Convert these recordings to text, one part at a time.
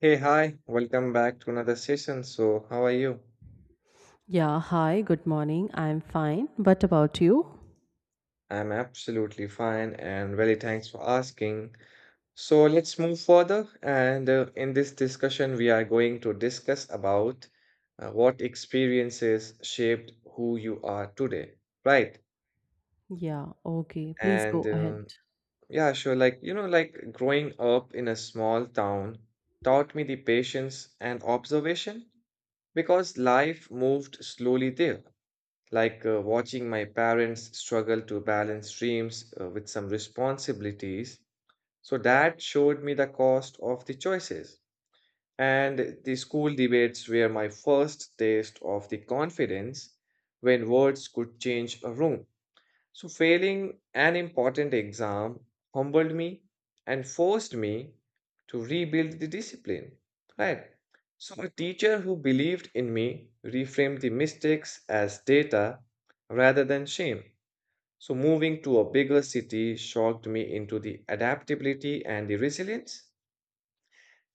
Hey, hi, welcome back to another session. So, how are you? Yeah, hi, good morning. I'm fine. What about you? I'm absolutely fine and really thanks for asking. So, let's move further. And in this discussion, we are going to discuss about what experiences shaped who you are today, right? Yeah, okay. Please go And ahead. Yeah, sure. Like, like growing up in a small town taught me the patience and observation because life moved slowly there like watching my parents struggle to balance dreams with some responsibilities. So that showed me the cost of the choices. And the school debates were my first taste of the confidence when words could change a room. So, failing an important exam humbled me and forced me to rebuild the discipline. Right. So, a teacher who believed in me reframed the mistakes as data rather than shame. So, moving to a bigger city shocked me into the adaptability and the resilience.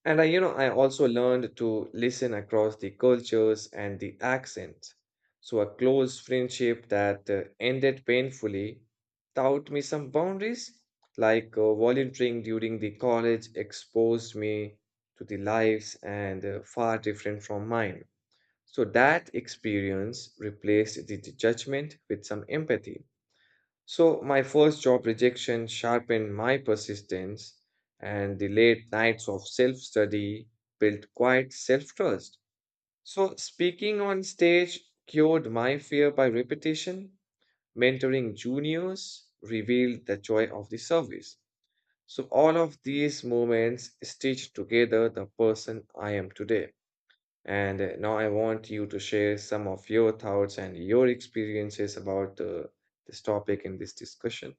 And I also learned to listen across the cultures and the accents. So a close friendship that ended painfully taught me some boundaries, like volunteering during the college exposed me to the lives and far different from mine. So that experience replaced the judgment with some empathy. So, my first job rejection sharpened my persistence, and the late nights of self study built quite self trust. So, speaking on stage cured my fear by repetition. Mentoring juniors revealed the joy of the service. So, all of these moments stitched together the person I am today. And now I want you to share some of your thoughts and your experiences about this topic in this discussion.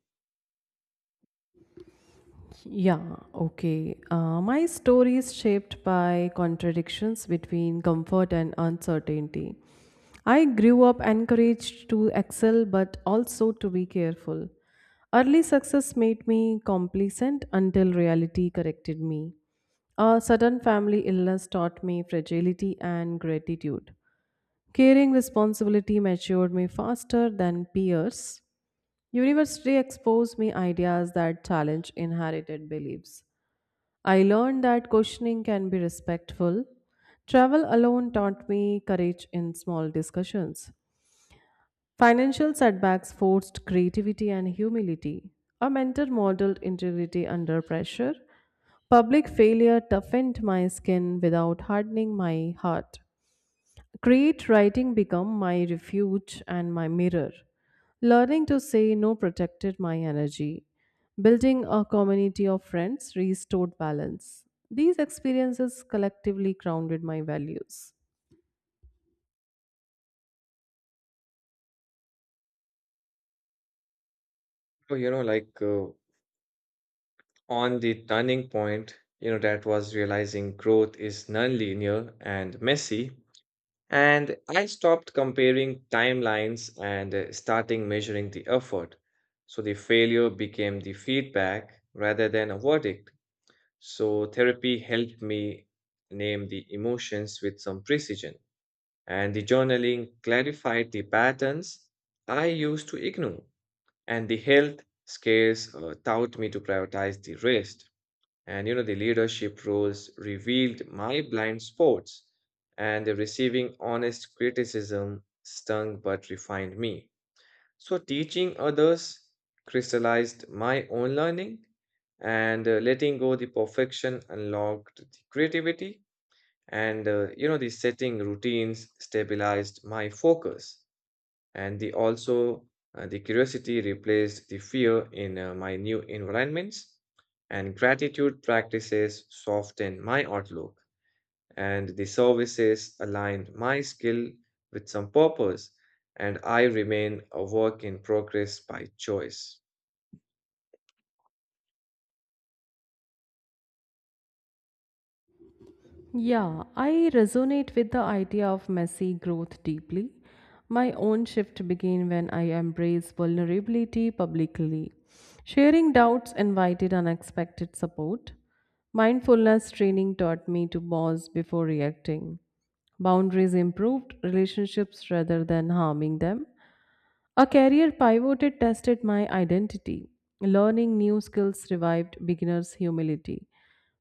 Yeah, okay. My story is shaped by contradictions between comfort and uncertainty. I grew up encouraged to excel but also to be careful. Early success made me complacent until reality corrected me. A sudden family illness taught me fragility and gratitude. Caring responsibility matured me faster than peers. University exposed me ideas that challenge inherited beliefs. I learned that questioning can be respectful. Travel alone taught me courage in small discussions. Financial setbacks forced creativity and humility. A mentor modeled integrity under pressure. Public failure toughened my skin without hardening my heart. Create writing become my refuge and my mirror. Learning to say no protected my energy. Building a community of friends restored balance. These experiences collectively grounded my values. So, like on the turning point, that was realizing growth is nonlinear and messy. And I stopped comparing timelines and starting measuring the effort. So the failure became the feedback rather than a verdict. So therapy helped me name the emotions with some precision. And the journaling clarified the patterns I used to ignore. And the health scares taught me to prioritize the rest. And the leadership roles revealed my blind spots, and the receiving honest criticism stung but refined me. So, teaching others crystallized my own learning, and letting go the perfection unlocked the creativity, and the setting routines stabilized my focus and the also the curiosity replaced the fear in my new environments and gratitude practices softened my outlook and the services aligned my skill with some purpose and I remain a work in progress by choice. Yeah, I resonate with the idea of messy growth deeply. My own shift began when I embraced vulnerability publicly. Sharing doubts invited unexpected support. Mindfulness training taught me to pause before reacting. Boundaries improved relationships rather than harming them. A career pivoted tested my identity. Learning new skills revived beginners' humility.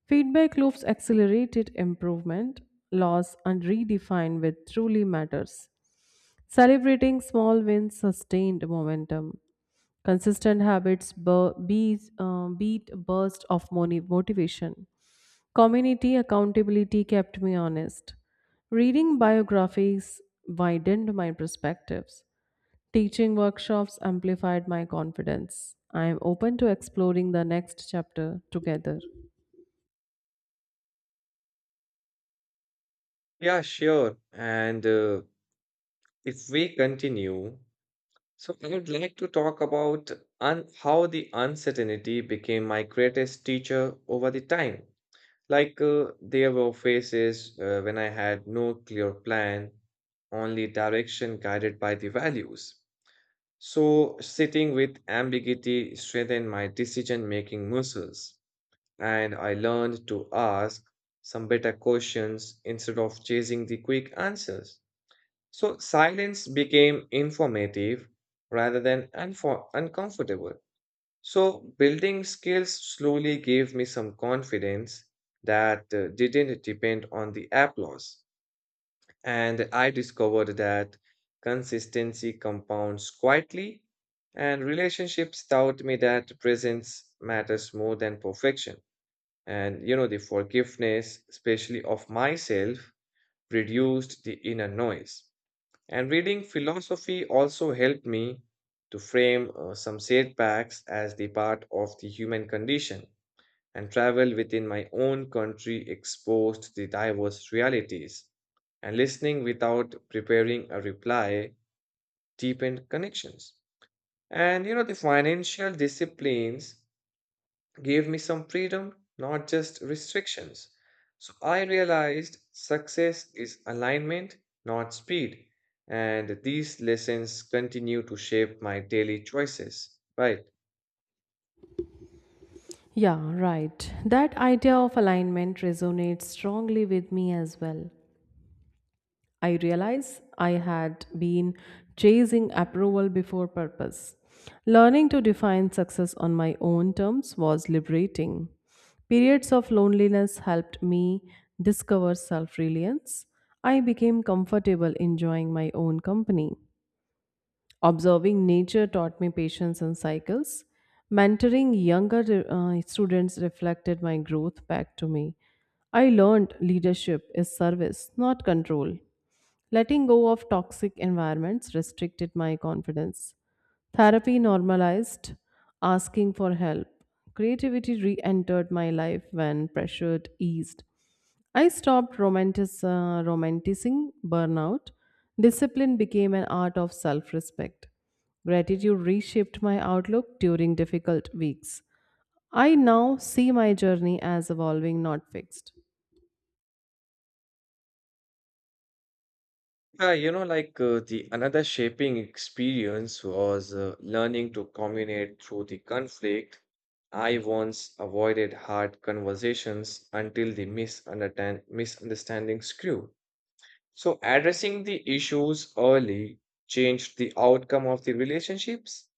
Feedback loops accelerated improvement, loss and redefined what truly matters. Celebrating small wins sustained momentum. Consistent habits beat burst of motivation. Community accountability kept me honest. Reading biographies widened my perspectives. Teaching workshops amplified my confidence. I am open to exploring the next chapter together. Yeah, sure. And if we continue, so I would like to talk about how the uncertainty became my greatest teacher over the time. Like there were phases when I had no clear plan, only direction guided by the values. So sitting with ambiguity strengthened my decision-making muscles, and I learned to ask some better questions instead of chasing the quick answers. So silence became informative rather than uncomfortable. So building skills slowly gave me some confidence that didn't depend on the applause. And I discovered that consistency compounds quietly, and relationships taught me that presence matters more than perfection. And the forgiveness, especially of myself, reduced the inner noise. And reading philosophy also helped me to frame some setbacks as the part of the human condition, and travel within my own country exposed the diverse realities. And listening without preparing a reply deepened connections. And the financial disciplines gave me some freedom, not just restrictions. So I realized success is alignment, not speed. And these lessons continue to shape my daily choices. Right. Yeah, right. That idea of alignment resonates strongly with me as well. I realize I had been chasing approval before purpose. Learning to define success on my own terms was liberating. Periods of loneliness helped me discover self reliance. I became comfortable enjoying my own company. Observing nature taught me patience and cycles. Mentoring younger students reflected my growth back to me. I learned leadership is service, not control. Letting go of toxic environments restricted my confidence. Therapy normalized asking for help. Creativity re entered my life when pressure eased. I stopped romanticizing burnout. Discipline became an art of self respect. Gratitude reshaped my outlook during difficult weeks. I now see my journey as evolving, not fixed. Yeah, like the another shaping experience was learning to communicate through the conflict. I once avoided hard conversations until the misunderstandings grew. So, addressing the issues early changed the outcome of the relationships.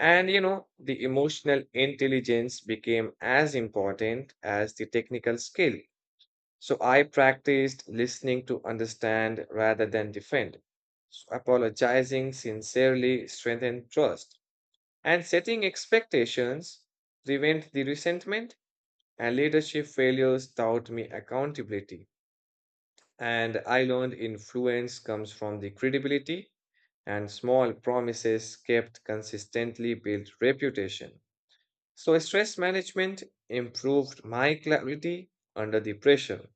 And, the emotional intelligence became as important as the technical skill. So, I practiced listening to understand rather than defend. So apologizing sincerely strengthened trust. And setting expectations prevent the resentment, and leadership failures taught me accountability. And I learned influence comes from the credibility, and small promises kept consistently built reputation. So, stress management improved my clarity under the pressure,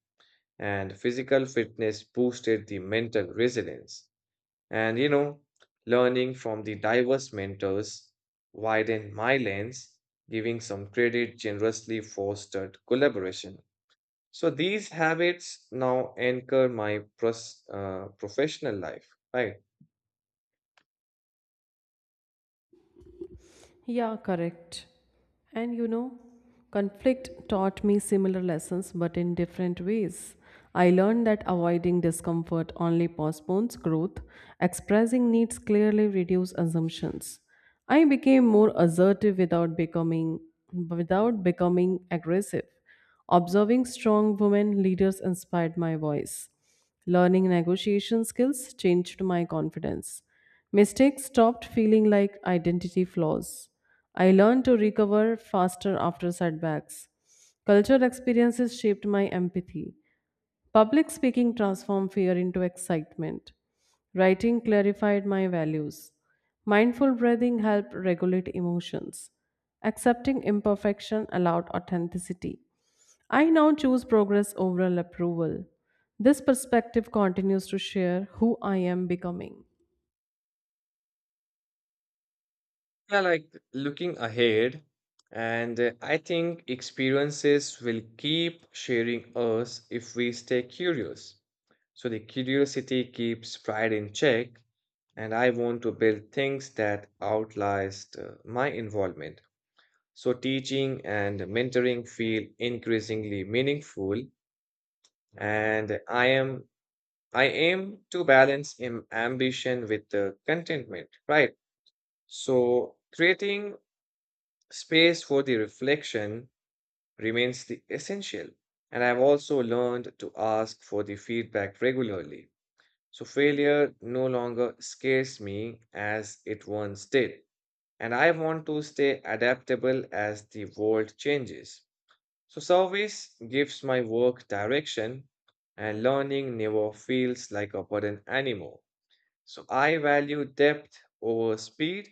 and physical fitness boosted the mental resilience. And learning from the diverse mentors widened my lens, giving some credit generously fostered collaboration. So these habits now anchor my professional life, right? Yeah, correct. And you know, conflict taught me similar lessons but in different ways. I learned that avoiding discomfort only postpones growth, expressing needs clearly reduces assumptions. I became more assertive without becoming aggressive. Observing strong women leaders inspired my voice. Learning negotiation skills changed my confidence. Mistakes stopped feeling like identity flaws. I learned to recover faster after setbacks. Cultural experiences shaped my empathy. Public speaking transformed fear into excitement. Writing clarified my values. Mindful breathing helped regulate emotions. Accepting imperfection allowed authenticity. I now choose progress over approval. This perspective continues to share who I am becoming. Yeah, like looking ahead, and I think experiences will keep sharing us if we stay curious. So the curiosity keeps pride in check, and I want to build things that outlast my involvement. So teaching and mentoring feel increasingly meaningful, and I aim to balance ambition with contentment, right? So, creating space for the reflection remains the essential. And I've also learned to ask for the feedback regularly. So, failure no longer scares me as it once did. And I want to stay adaptable as the world changes. So, service gives my work direction, and learning never feels like a burden anymore. So I value depth over speed,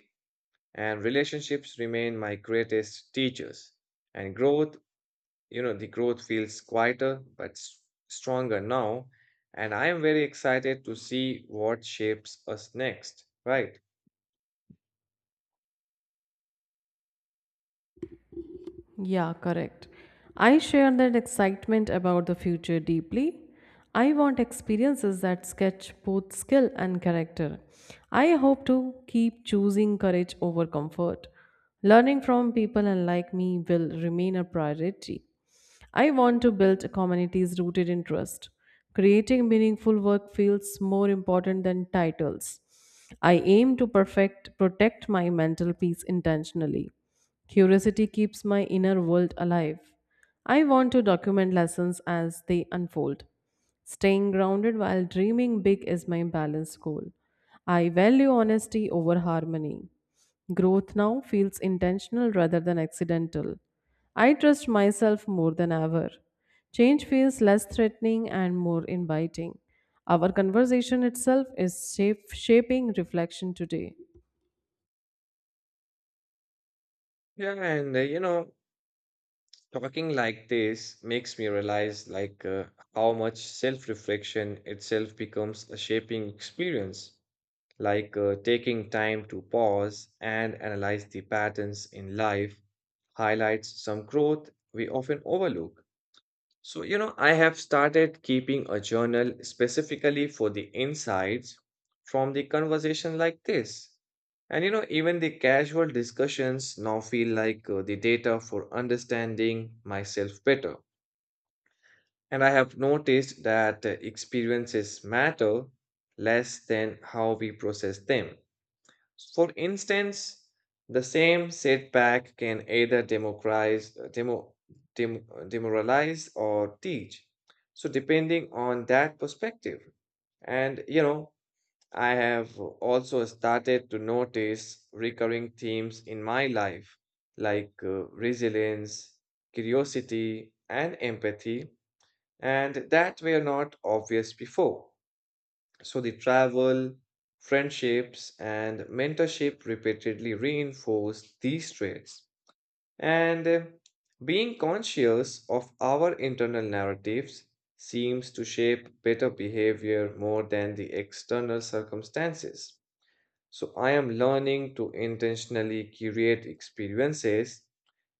and relationships remain my greatest teachers. And growth, the growth feels quieter but stronger now. And I am very excited to see what shapes us next, right? Yeah, correct. I share that excitement about the future deeply. I want experiences that sketch both skill and character. I hope to keep choosing courage over comfort. Learning from people unlike me will remain a priority. I want to build communities rooted in trust. Creating meaningful work feels more important than titles. I aim to perfect protect my mental peace intentionally. Curiosity keeps my inner world alive. I want to document lessons as they unfold. Staying grounded while dreaming big is my balanced goal. I value honesty over harmony. Growth now feels intentional rather than accidental. I trust myself more than ever. Change feels less threatening and more inviting. Our conversation itself is shaping reflection today. Yeah, and talking like this makes me realize like how much self-reflection itself becomes a shaping experience, like taking time to pause and analyze the patterns in life highlights some growth we often overlook. So, I have started keeping a journal specifically for the insights from the conversation like this. And, even the casual discussions now feel like the data for understanding myself better. And I have noticed that experiences matter less than how we process them. For instance, the same setback can either demoralize or teach. So, depending on that perspective. And, I have also started to notice recurring themes in my life, like resilience, curiosity, and empathy, and that were not obvious before. So the travel, friendships, and mentorship repeatedly reinforce these traits. And being conscious of our internal narratives seems to shape better behavior more than the external circumstances. So I am learning to intentionally curate experiences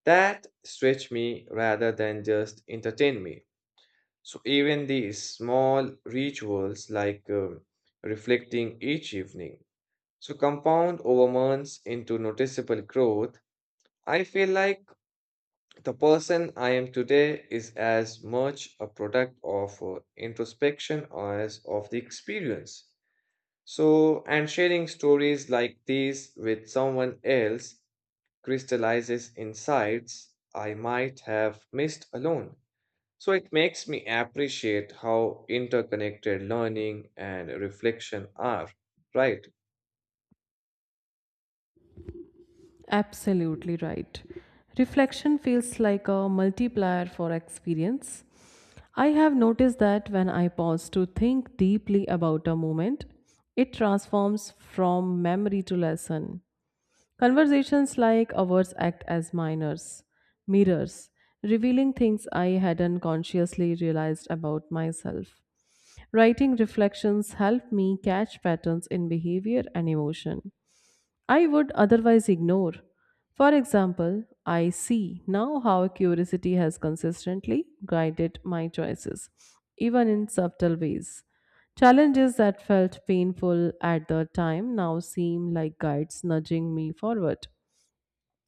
that stretch me rather than just entertain me. So even these small rituals, like reflecting each evening, so compound over months into noticeable growth. I feel like the person I am today is as much a product of introspection as of the experience. So, and sharing stories like these with someone else crystallizes insights I might have missed alone. So it makes me appreciate how interconnected learning and reflection are, right? Absolutely right. Reflection feels like a multiplier for experience. I have noticed that when I pause to think deeply about a moment, it transforms from memory to lesson. Conversations like ours act as mirrors, revealing things I hadn't consciously realized about myself. Writing reflections help me catch patterns in behavior and emotion. I would otherwise ignore. For example, I see now how curiosity has consistently guided my choices, even in subtle ways. Challenges that felt painful at the time now seem like guides nudging me forward.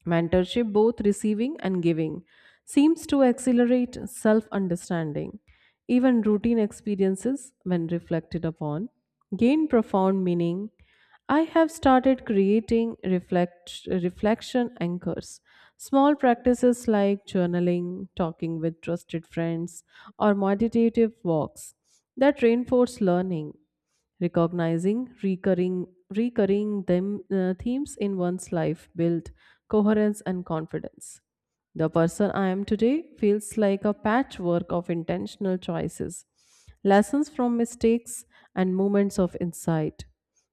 Mentorship, both receiving and giving, seems to accelerate self understanding. Even routine experiences, when reflected upon, gain profound meaning. I have started creating reflection anchors. Small practices like journaling, talking with trusted friends, or meditative walks that reinforce learning. Recognizing recurring themes in one's life build coherence and confidence. The person I am today feels like a patchwork of intentional choices, lessons from mistakes, and moments of insight.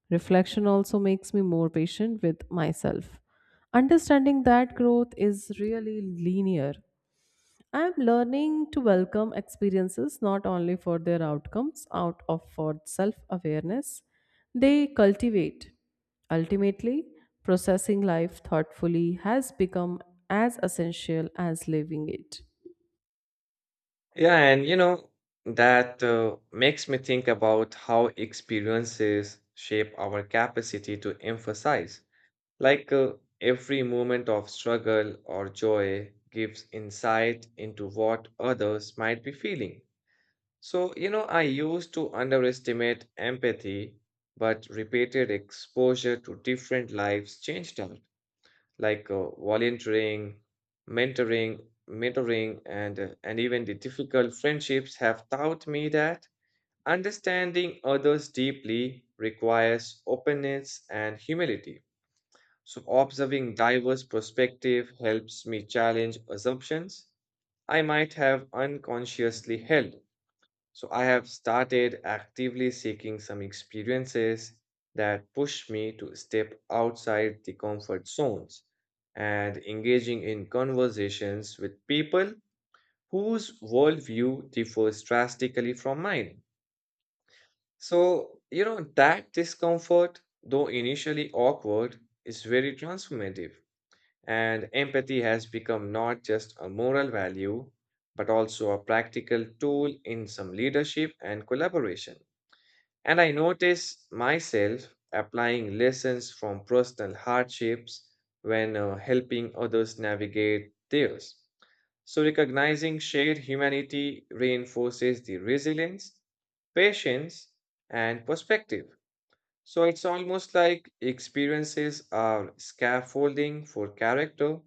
Reflection also makes me more patient with myself. Understanding that growth is really linear I'm learning to welcome experiences not only for their outcomes, out of for self awareness they cultivate. Ultimately, processing life thoughtfully has become as essential as living it. Yeah, and that makes me think about how experiences shape our capacity to emphasize. Like every moment of struggle or joy gives insight into what others might be feeling. So, I used to underestimate empathy, but repeated exposure to different lives changed her. Like volunteering, mentoring, mentoring, and even the difficult friendships have taught me that understanding others deeply requires openness and humility. So observing diverse perspective helps me challenge assumptions I might have unconsciously held. So I have started actively seeking some experiences that push me to step outside the comfort zones and engaging in conversations with people whose worldview differs drastically from mine. So, that discomfort, though initially awkward, is very transformative. And empathy has become not just a moral value, but also a practical tool in some leadership and collaboration. And I notice myself applying lessons from personal hardships when helping others navigate theirs. So, recognizing shared humanity reinforces the resilience, patience, and perspective. So, it's almost like experiences are scaffolding for character,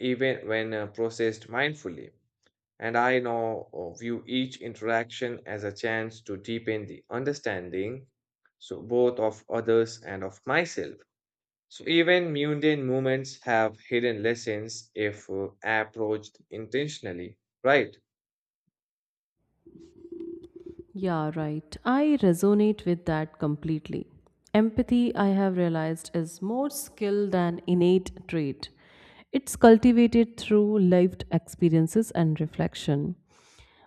even when processed mindfully. And I now view each interaction as a chance to deepen the understanding, so both of others and of myself. So even mundane moments have hidden lessons if approached intentionally, right? Yeah, right. I resonate with that completely. Empathy, I have realized, is more skill than innate trait. It's cultivated through lived experiences and reflection.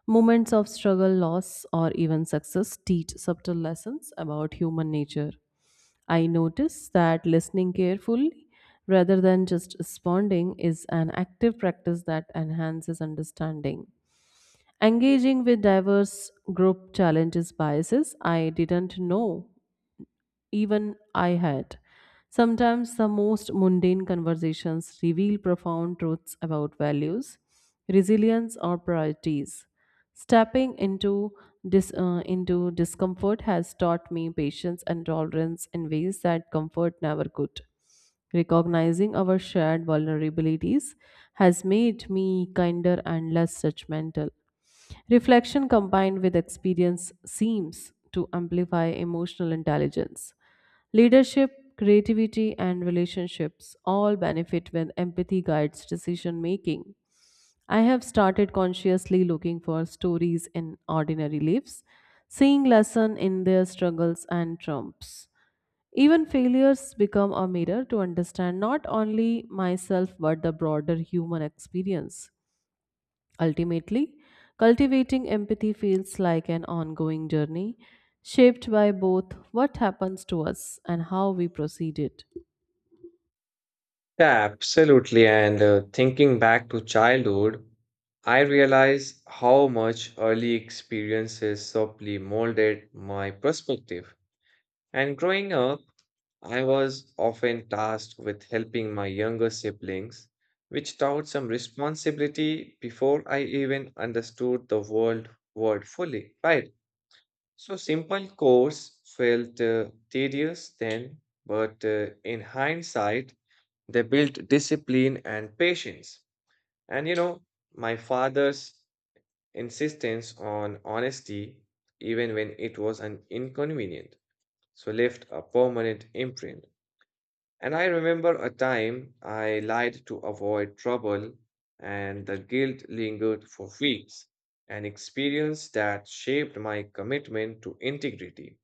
Moments of struggle, loss, or even success teach subtle lessons about human nature. I notice that listening carefully rather than just responding is an active practice that enhances understanding. Engaging with diverse group challenges biases I didn't know even I had. Sometimes the most mundane conversations reveal profound truths about values, resilience, or priorities. Stepping into into discomfort has taught me patience and tolerance in ways that comfort never could. Recognizing our shared vulnerabilities has made me kinder and less judgmental. Reflection combined with experience seems to amplify emotional intelligence. Leadership, creativity, and relationships all benefit when empathy guides decision making. I have started consciously looking for stories in ordinary lives, seeing lesson in their struggles and triumphs. Even failures become a mirror to understand not only myself but the broader human experience. Ultimately, cultivating empathy feels like an ongoing journey shaped by both what happens to us and how we proceed it. Yeah, absolutely. And thinking back to childhood, I realize how much early experiences subtly molded my perspective. And growing up, I was often tasked with helping my younger siblings, which taught some responsibility before I even understood the world word fully, right? So simple course felt tedious then, but in hindsight, they built discipline and patience. And my father's insistence on honesty, even when it was an inconvenient, so left a permanent imprint. And I remember a time I lied to avoid trouble, and the guilt lingered for weeks, an experience that shaped my commitment to integrity.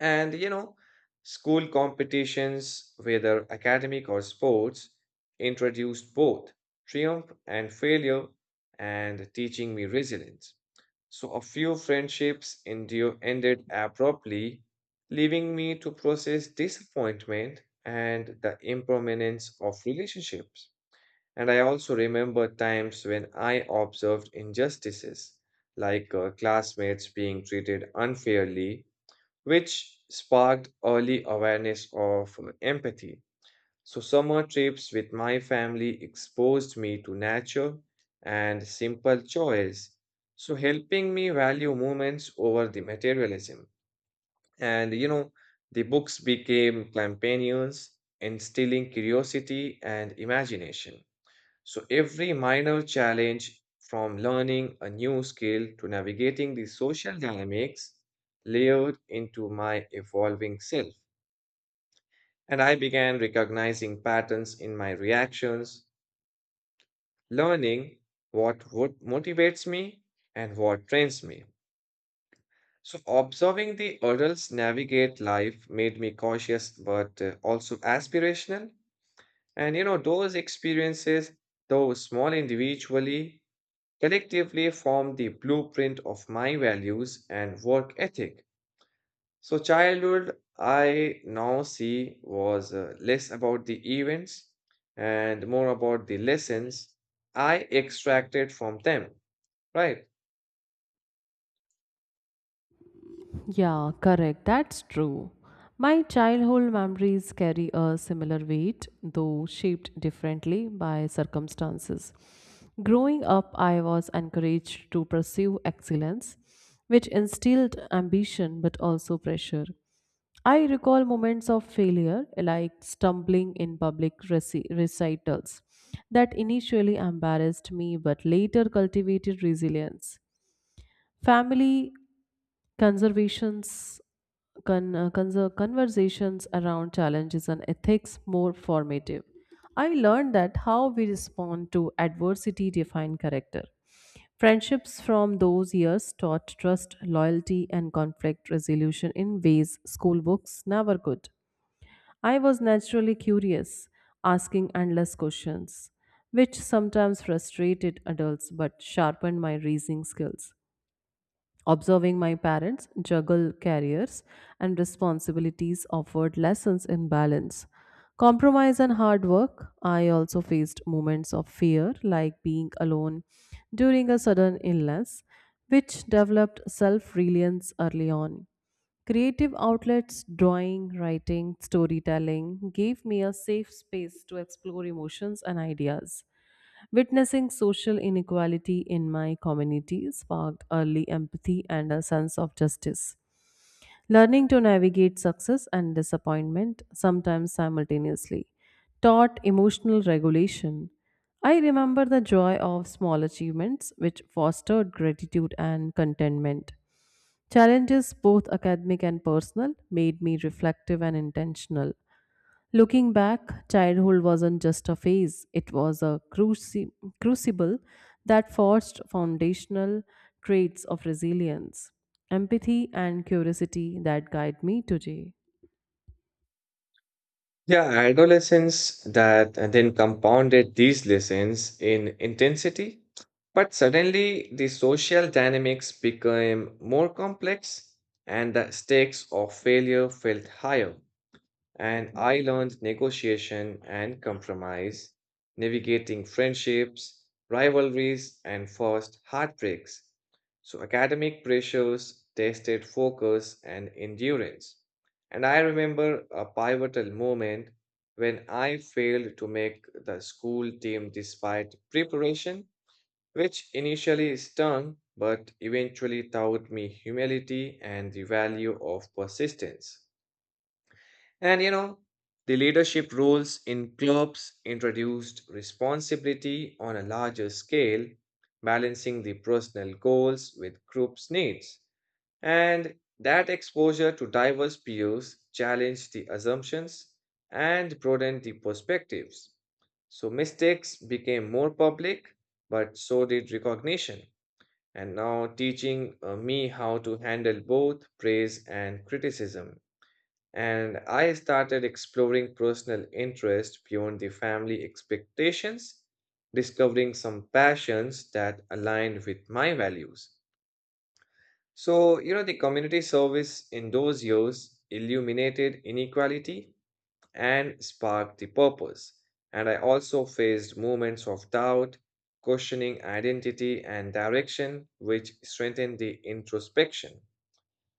And school competitions, whether academic or sports, introduced both triumph and failure and teaching me resilience. So a few friendships ended abruptly, leaving me to process disappointment and the impermanence of relationships. And I also remember times when I observed injustices, like classmates being treated unfairly which sparked early awareness of empathy. So, summer trips with my family exposed me to nature and simple joys. So, helping me value moments over the materialism. And the books became companions, instilling curiosity and imagination. So every minor challenge from learning a new skill to navigating the social dynamics layered into my evolving self. And I began recognizing patterns in my reactions, learning what would motivates me and what trains me. So observing the adults navigate life made me cautious but also aspirational. And those experiences, though small individually, collectively form the blueprint of my values and work ethic. So, childhood, I now see, was less about the events and more about the lessons I extracted from them, right? Yeah, correct. That's true. My childhood memories carry a similar weight, though shaped differently by circumstances. Growing up, I was encouraged to pursue excellence, which instilled ambition but also pressure. I recall moments of failure, like stumbling in public recitals, that initially embarrassed me but later cultivated resilience. Family conservations conversations around challenges and ethics more formative. I learned that how we respond to adversity define character. Friendships from those years taught trust, loyalty, and conflict resolution in ways school books never could. I was naturally curious, asking endless questions, which sometimes frustrated adults but sharpened my reasoning skills. Observing my parents juggle careers and responsibilities offered lessons in balance. Compromise and hard work. I also faced moments of fear, like being alone during a sudden illness, which developed self reliance early on. Creative outlets, drawing, writing, storytelling, gave me a safe space to explore emotions and ideas. Witnessing social inequality in my community sparked early empathy and a sense of justice. Learning to navigate success and disappointment, sometimes simultaneously, taught emotional regulation. I remember the joy of small achievements, which fostered gratitude and contentment. Challenges, both academic and personal, made me reflective and intentional. Looking back, childhood wasn't just a phase, it was a crucible that forged foundational traits of resilience, empathy, and curiosity that guide me today. Yeah, adolescence that then compounded these lessons in intensity, but suddenly the social dynamics became more complex and the stakes of failure felt higher. And I learned negotiation and compromise, navigating friendships, rivalries, and first heartbreaks. So, academic pressures tested focus and endurance. And I remember a pivotal moment when I failed to make the school team despite preparation, which initially stung but eventually taught me humility and the value of persistence. And the leadership roles in clubs introduced responsibility on a larger scale, balancing the personal goals with group's needs. And that exposure to diverse peers challenged the assumptions and broadened the perspectives. So mistakes became more public, but so did recognition. And now teaching me how to handle both praise and criticism. And I started exploring personal interest beyond the family expectations, discovering some passions that aligned with my values. So, the community service in those years illuminated inequality and sparked the purpose. And I also faced moments of doubt, questioning identity and direction, which strengthened the introspection.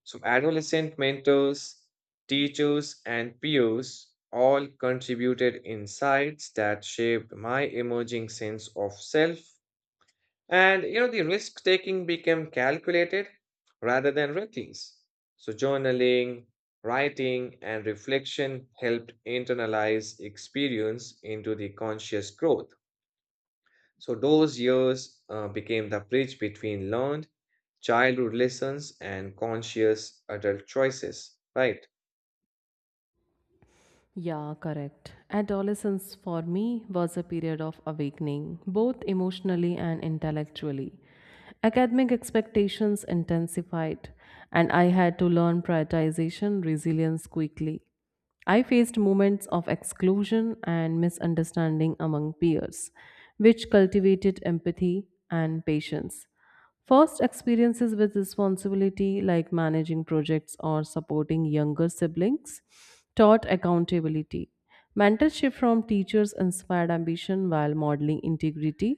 So, adolescent mentors, teachers, and peers all contributed insights that shaped my emerging sense of self. And the risk taking became calculated rather than reckless. So, journaling, writing, and reflection helped internalize experience into the conscious growth. So those years became the bridge between learned childhood lessons and conscious adult choices, right? Yeah, correct. Adolescence for me was a period of awakening, both emotionally and intellectually. Academic expectations intensified, and I had to learn prioritization resilience quickly. I faced moments of exclusion and misunderstanding among peers, which cultivated empathy and patience. First, experiences with responsibility, like managing projects or supporting younger siblings, taught accountability. Mentorship from teachers inspired ambition while modeling integrity.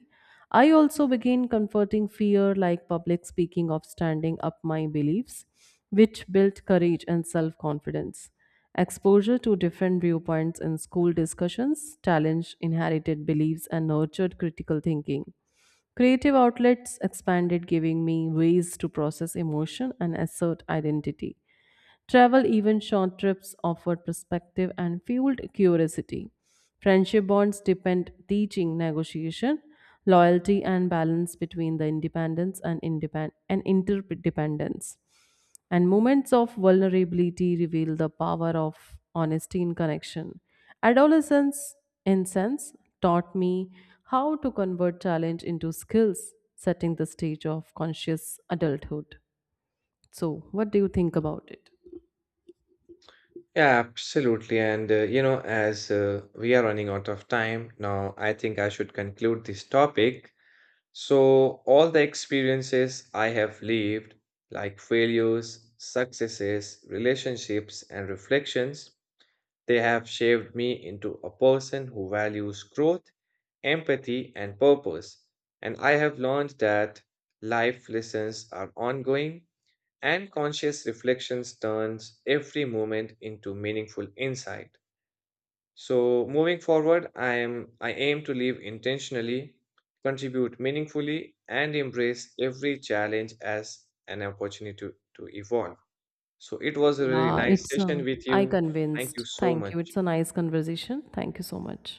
I also began confronting fear, like public speaking, of standing up my beliefs, which built courage and self confidence. Exposure to different viewpoints in school discussions challenged inherited beliefs and nurtured critical thinking. Creative outlets expanded, giving me ways to process emotion and assert identity. Travel, even short trips, offered perspective and fueled curiosity. Friendship bonds depend teaching negotiation, loyalty, and balance between the independence and and interdependence. And moments of vulnerability reveal the power of honesty in connection. Adolescence, in sense, taught me how to convert challenge into skills, setting the stage of conscious adulthood. So, what do you think about it? Yeah, absolutely. And, as we are running out of time now, I think I should conclude this topic. So, all the experiences I have lived, like failures, successes, relationships, and reflections, they have shaped me into a person who values growth, empathy, and purpose. And I have learned that life lessons are ongoing and conscious reflections turns every moment into meaningful insight. So moving forward, I aim to live intentionally, contribute meaningfully, and embrace every challenge as an opportunity to evolve. So it was a really Yeah, nice it's session with I you. Thank convinced. you so Thank you. much. It's a nice conversation. Thank you so much.